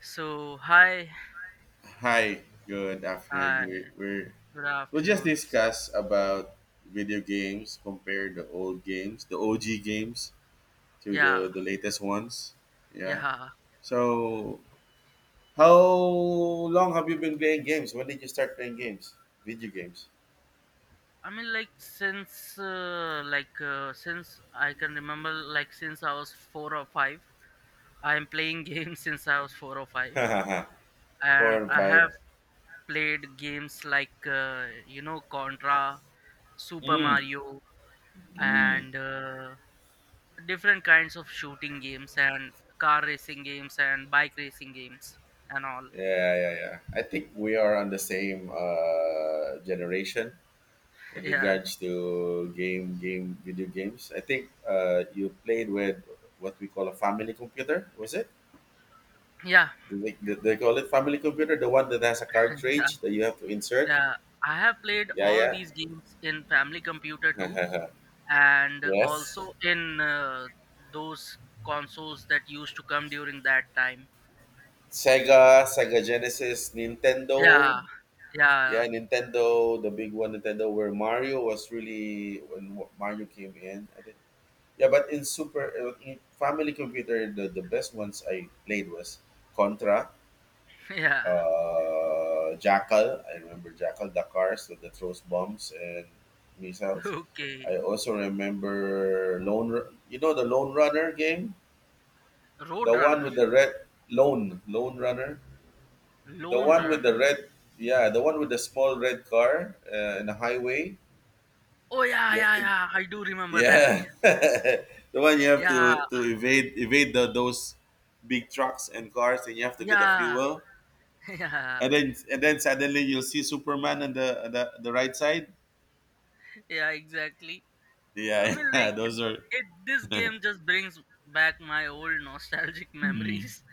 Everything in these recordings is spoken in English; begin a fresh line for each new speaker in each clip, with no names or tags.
So hi,
Hi, good afternoon.
hi,
We we're,
good
we'll just
afternoon. So,
discuss about video games, compare the old games, the OG games to the
yeah,
the latest ones. Yeah.
yeah.
So, how long have you been playing games? When did you start playing games? Video games.
I mean, like since, since I can remember, like since I was four or five, I am playing games since I was four or five,
Four
and
and
I
five.
have played games like Contra, Super
Mm,
Mario,
mm.
and different kinds of shooting games and car racing games and bike racing games and all.
Yeah, yeah, yeah. I think we are on the same generation. In
Yeah,
regards to game video games, I think you played with what we call a family computer, was it?
yeah.
Do they call it family computer, the one that has a cartridge that you have to insert?
Yeah, I have played
Yeah,
all
yeah.
these games in family computer too, and
Yes.
also in those consoles that used to come during that time.
Sega Genesis, Nintendo.
Yeah, yeah.
Yeah, Nintendo, the big one, Nintendo, where Mario was really, when Mario came in, I think. Yeah, but in family computer, the best ones I played was Contra.
Yeah.
Jackal. I remember Jackal, the cars with the throws bombs and missiles.
Okay,
I also remember you know the Lone Runner game, the one
Roadrunner,
with the red, Lone Runner, the
Lone
one with the
Runner.
red, yeah, the one with the small red car in the highway.
Oh yeah,
You have
yeah,
to,
yeah. I do remember that.
yeah, the one you have
Yeah,
to evade those big trucks and cars, and you have to get the
yeah.
fuel.
Yeah,
And then suddenly you'll see Superman on the right side.
yeah. Exactly. I
Yeah,
mean,
yeah,
like
those are.
it, this game just brings back my old nostalgic
Mm.
memories,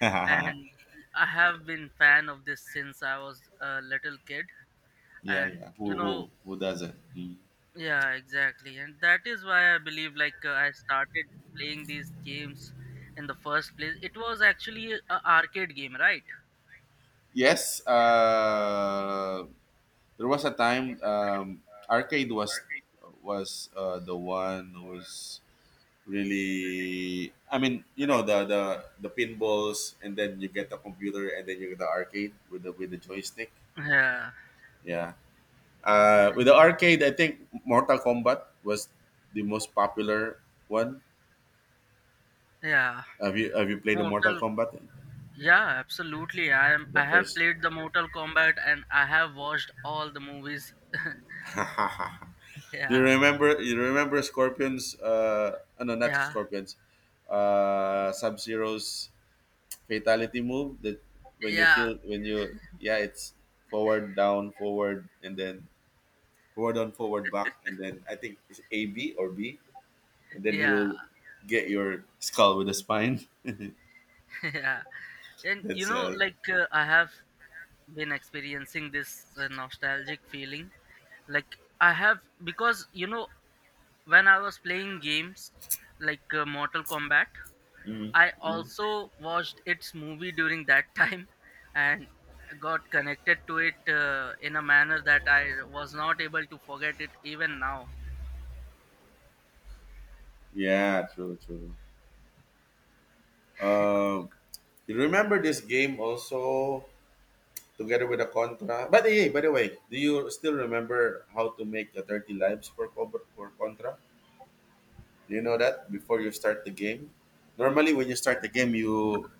Yeah,
and I have been fan of this since I was a little kid. And
yeah. Who who who doesn't? Mm.
yeah, exactly. And that is why I believe, like, I started playing these games in the first place. It was actually a arcade game, right?
Yes. There was a time, arcade was the one who was really. I mean, you know the pinballs, and then you get the computer, and then you get the arcade with the joystick.
Yeah.
Yeah. With the arcade, I think Mortal Kombat was the most popular one.
Yeah.
Have you played the Mortal
Mortal.
Kombat?
Yeah, absolutely. I am.
The
I have
first.
played the Mortal Kombat, and I have watched all the movies.
Do you
Yeah.
remember? You remember Scorpions? No, not
Yeah,
Scorpions. Sub Zero's fatality move, that when you
yeah,
kill, when you, yeah, it's forward down forward, and then forward on forward back, and then I think it's A B or B, and then he
yeah.
will get your skull with the spine.
Yeah. And
That's
like I have been experiencing this nostalgic feeling. Like I have, because you know when I was playing games like Mortal Kombat,
Mm,
I
mm.
also watched its movie during that time, and got connected to it in a manner that I was not able to forget it even now.
Yeah, true, true. Um, you remember this game also together with the Contra? By the way, do you still remember how to make the 30 lives for Cobra, for Contra? Do you know that before you start the game? Normally, when you start the game, you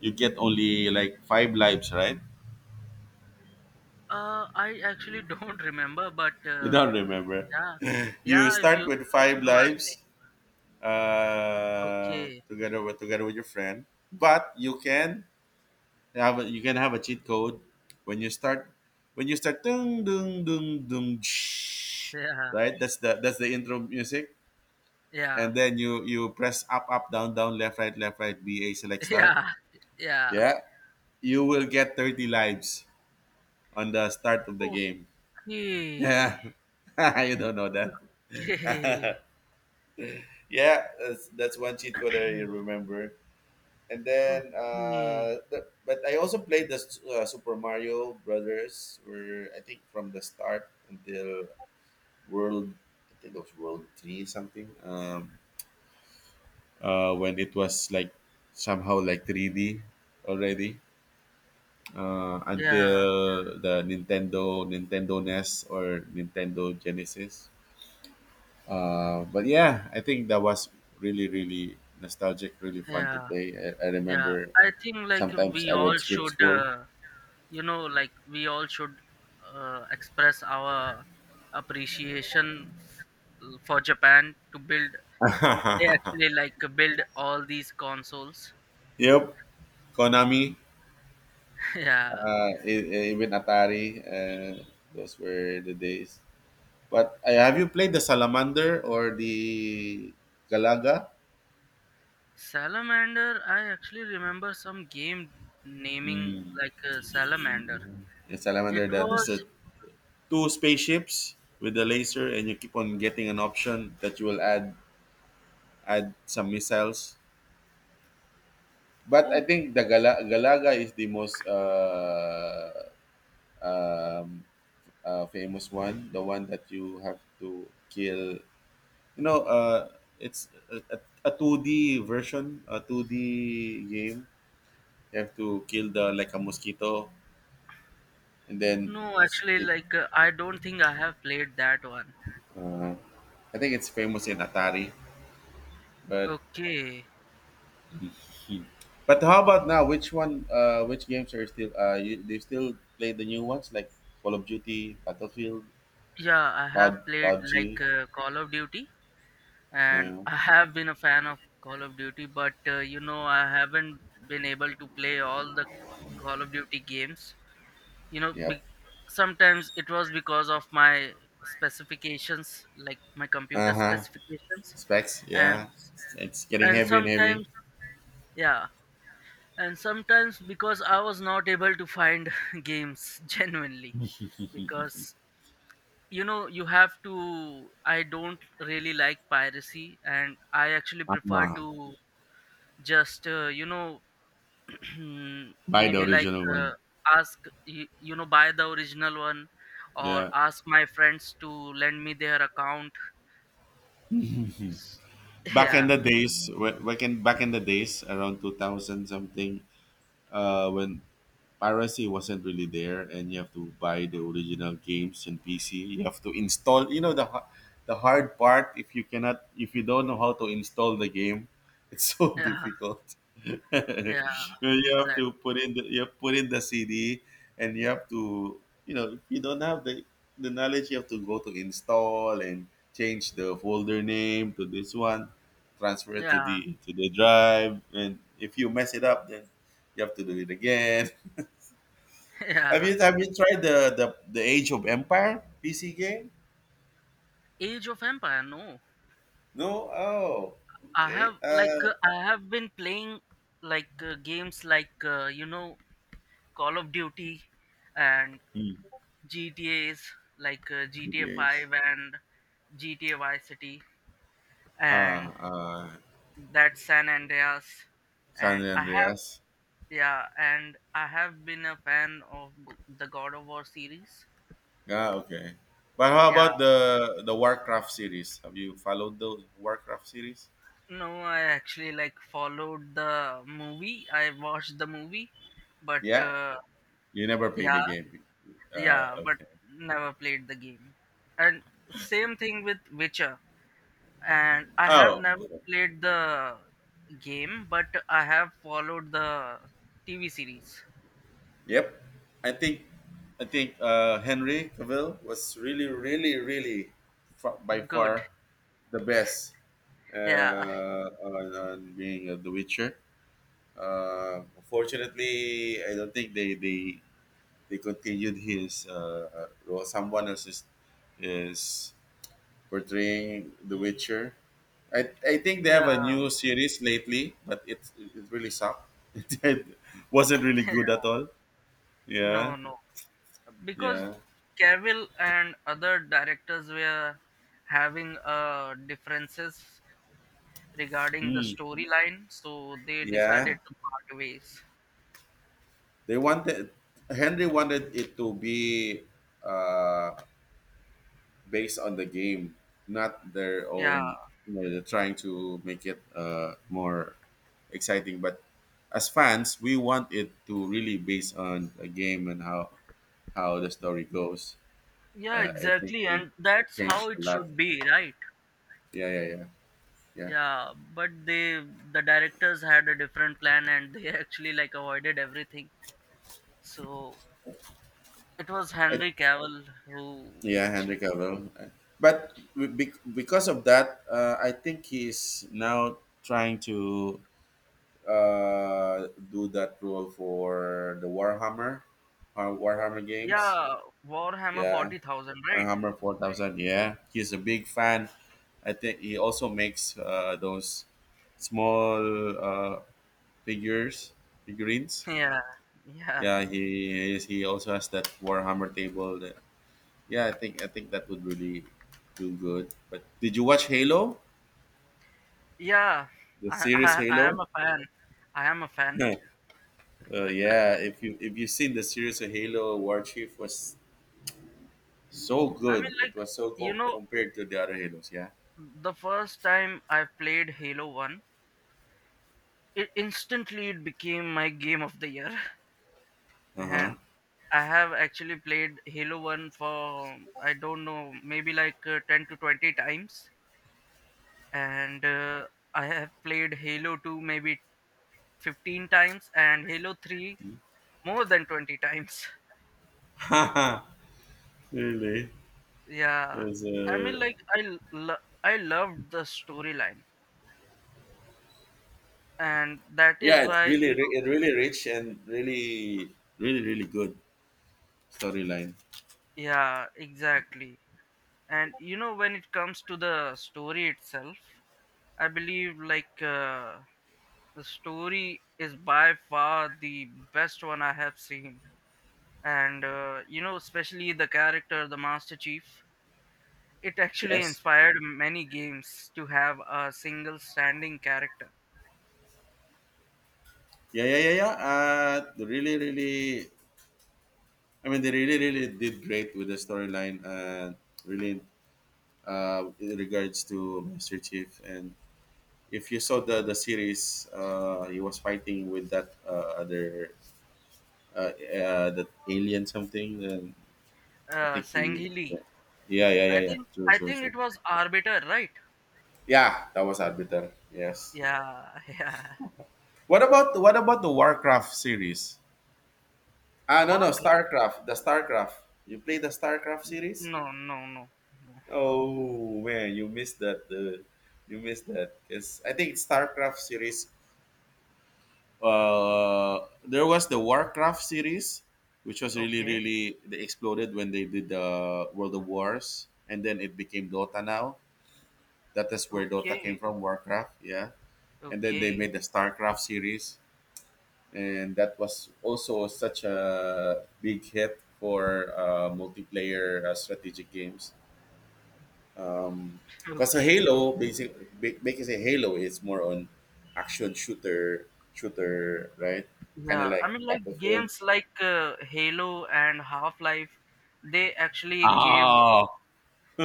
you get only like five lives, right?
I actually don't remember, but
You don't remember.
yeah,
You
yeah. If
start
you
with
if
five
you are saying.
lives,
Okay.
together with your friend, but you can have a cheat code. When you start when you start dung dung dung dung shh,
Yeah.
right, that's the intro music.
Yeah.
And then you press up up down down left right ba select start.
Yeah. Yeah.
Yeah, you will get 30 lives on the start of the game.
Okay.
Yeah. You don't know that.
Okay.
Yeah, that's one cheat code I remember. And then
Okay.
but I also played the Super Mario Brothers, where I think from the start until World, I think it was World Three something. When it was like somehow like 3D already,
Yeah.
until the Nintendo NES or Nintendo Genesis. But yeah, I think that was really really nostalgic, really fun to
Yeah.
play. I
Yeah.
remember
I think like
sometimes
we
I
all
would skip
should,
school.
you know, like we all should express our appreciation for Japan to build. They actually like build all these consoles.
Yep, Konami,
Yeah.
even Atari, those were the days. But have you played the Salamander or the Galaga?
Salamander, I actually remember some game naming like Salamander.
The
It
Salamander, there's
was
the two spaceships with the laser, and you keep on getting an option that you will add some missiles. But I
Oh,
think the Galaga is the most um, famous one, the one that you have to kill. You know, it's a 2D version, a 2D game. You have to kill the like a mosquito, and then
no, actually
it.
like I don't think I have played that one.
Uh, I think it's famous in Atari, but
Okay,
Hmm. But how about now? Which one? Which games are still? They still play the new ones like Call of Duty, Battlefield,
yeah, I have played like
PUBG.
Call of Duty, and
Uh,
I have been a fan of Call of Duty, but you know I haven't been able to play all the Call of Duty games. You know,
yep.
be- Sometimes it was because of my specifications, like my
Uh
computer
huh.
specifications,
Specs.
and
Yeah. It's getting heavy and heavy.
sometimes, yeah, and sometimes because I was not able to find games genuinely, because you know you have to, I don't really like piracy, and I actually prefer
Uh-huh.
to just you know,
Buy the
maybe like
original
uh,
one.
ask you, you know, buy the original one or
Yeah.
ask my friends to lend me their account. S-
back in
yeah,
the days wh- back in back in the days around 2000 something, when piracy wasn't really there, and you have to buy the original games. And PC, you have to install, you know, the hard part, if you don't know how to install the game, it's so
yeah,
difficult.
yeah,
you have
exactly,
to put in the you have put in the CD, and you have to, you know, if you don't have the knowledge, you have to go to install and change the folder name to this one, transfer it to
yeah.
the to the drive, and if you mess it up, then you have to do it again. have
Yeah.
you have you tried the Age of Empire PC game?
Age of Empire, no.
No. Oh, okay.
I have been playing like games like Call of Duty and
Mm,
GTA's like GTA
GPS.
5 and GTA Vice City
Ah,
and that San Andreas,
San
and I have,
Andreas.
yeah, and I have been a fan of the God of War series.
Ah, okay. But how
Yeah,
about the Warcraft series? Have you followed the Warcraft series?
no, I actually like followed the movie. I watched the movie, but
Yeah. You never played the
yeah.
game.
Yeah, but
Okay.
never played the game. And same thing with Witcher. And I have
Oh,
never played the game, but I have followed the TV series.
yep. I think I think Henry Cavill was really, really, really by
Good.
far the best
Yeah.
on being The Witcher. Unfortunately, I don't think they continued his role. Someone else is portraying The Witcher. I think they
Yeah.
have a new series lately, but it really sucked. It wasn't really good at all.
No,
Yeah,
no. Because
yeah.
Cavill and other directors were having differences regarding the
Hmm.
storyline, so they
Yeah,
decided to part ways.
they wanted Henry wanted it to be uh, based on the game, not their
Yeah.
own. You know, they're trying to make it more exciting. But as fans, we want it to really based on the game, and how the story goes.
Yeah,
I think
exactly.
they
And that's
changed
how
a
it
lot.
should be, right?
Yeah, yeah, yeah, yeah.
Yeah, but they, the directors had a different plan and they actually like avoided everything. So it was
I,
Henry Cavill who
yeah, Henry
actually.
Cavill. But because of that, I think he's now trying to do that rule for the Warhammer, Warhammer games.
Yeah, Warhammer
Yeah,
40,000, right?
Warhammer 4,000. Yeah, he's a big fan. I think he also makes those small figures, figurines.
Yeah. Yeah.
Yeah, he also has that Warhammer table. Yeah, I think that would really do good. But did you watch Halo?
Yeah.
The
I,
series
I I am
Halo?
a fan. I am a fan.
uh, yeah, if you if you've seen the series of Halo, War Chief was so
I mean
good.
like
It was so
you know
compared to the other Halos, yeah.
the first time I played Halo 1, it instantly, it became my game of the year.
Uh
And I have actually played Halo 1 for, I don't know, maybe like 10 to 20 times. And I have played Halo 2 maybe 15 times and Halo 3 more than 20 times.
huh. really,
Yeah.
there's
I mean,
a,
like, I loved the storyline. And that is
Yeah. It's
why, you
really
know,
it really rich, and really really really good storyline.
yeah, exactly. And, when it comes to the story itself, I believe, like, the story is by far the best one I have seen. And, especially the character, the Master Chief, it actually
Yes.
inspired many games to have a single standing character.
Yeah, yeah, yeah, yeah. They really, really. I mean, they really, really did great with the storyline. Really, in regards to Master Chief, and if you saw the series, he was fighting with that other, that alien something. I think he.
Sanghi Lee.
Yeah, yeah, yeah,
I
yeah.
think,
True,
I
true,
think
true.
it was Arbiter, right?
Yeah, that was Arbiter. Yes.
Yeah. Yeah.
What about the Warcraft series? Ah, no, no,
Worker?
Starcraft. The Starcraft. You play the Starcraft series?
No, no, no, no.
Oh man, you missed that. You missed that. Yes, I think Starcraft series. There was the Warcraft series, which was really,
Okay,
really they exploded when they did the World of Wars, and then it became Dota now. That is where Dota came
okay,
from, Warcraft, yeah. And then they
okay,
made the StarCraft series, and that was also such a big hit for multiplayer strategic games. Because a
okay.
Halo, basically, making a Halo is more on action shooter, right? Kind of
Yeah, I
like
mean, like
Battlefield.
games like Halo and Half Life, they actually gave
Oh,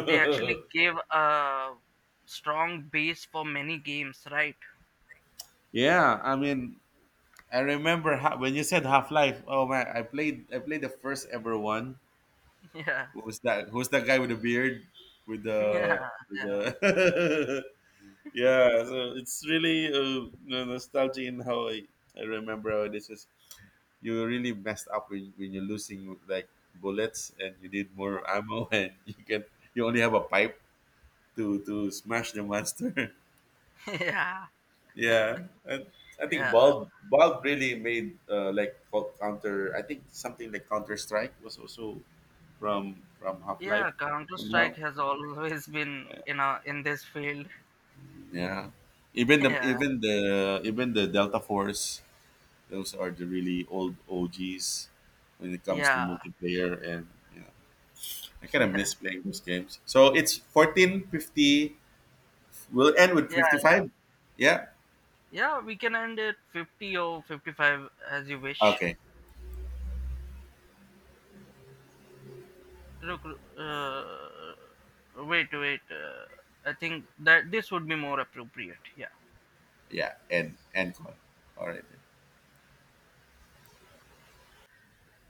they actually gave a strong base for many games, right?
yeah. I mean, I remember when you said Half Life. Oh man, I played the first ever one. What was that? Who's that guy with the beard? With
Yeah,
the
yeah,
with
yeah.
the yeah. So it's really nostalgia in how I remember how this is. You really messed up when you're losing like bullets and you need more ammo, and you only have a pipe to smash the monster.
Yeah,
Yeah. And I think
yeah.
Valve really made like called counter. I think something like Counter Strike was also from Half Life
Yeah, Counter Strike
somehow.
has always been in this field.
Yeah, even the
Yeah,
even the even the Delta Force. Those are the really old OGs when it comes to
yeah.
multiplayer, and you know, I kind of
Yeah,
miss playing those games. So it's 14:50. We'll end with
yeah,
55. Yeah.
yeah. We can end at 50 or 55 as you wish.
Okay.
Look, uh, wait, wait. I think that this would be more appropriate. Yeah.
Yeah. End call. All right.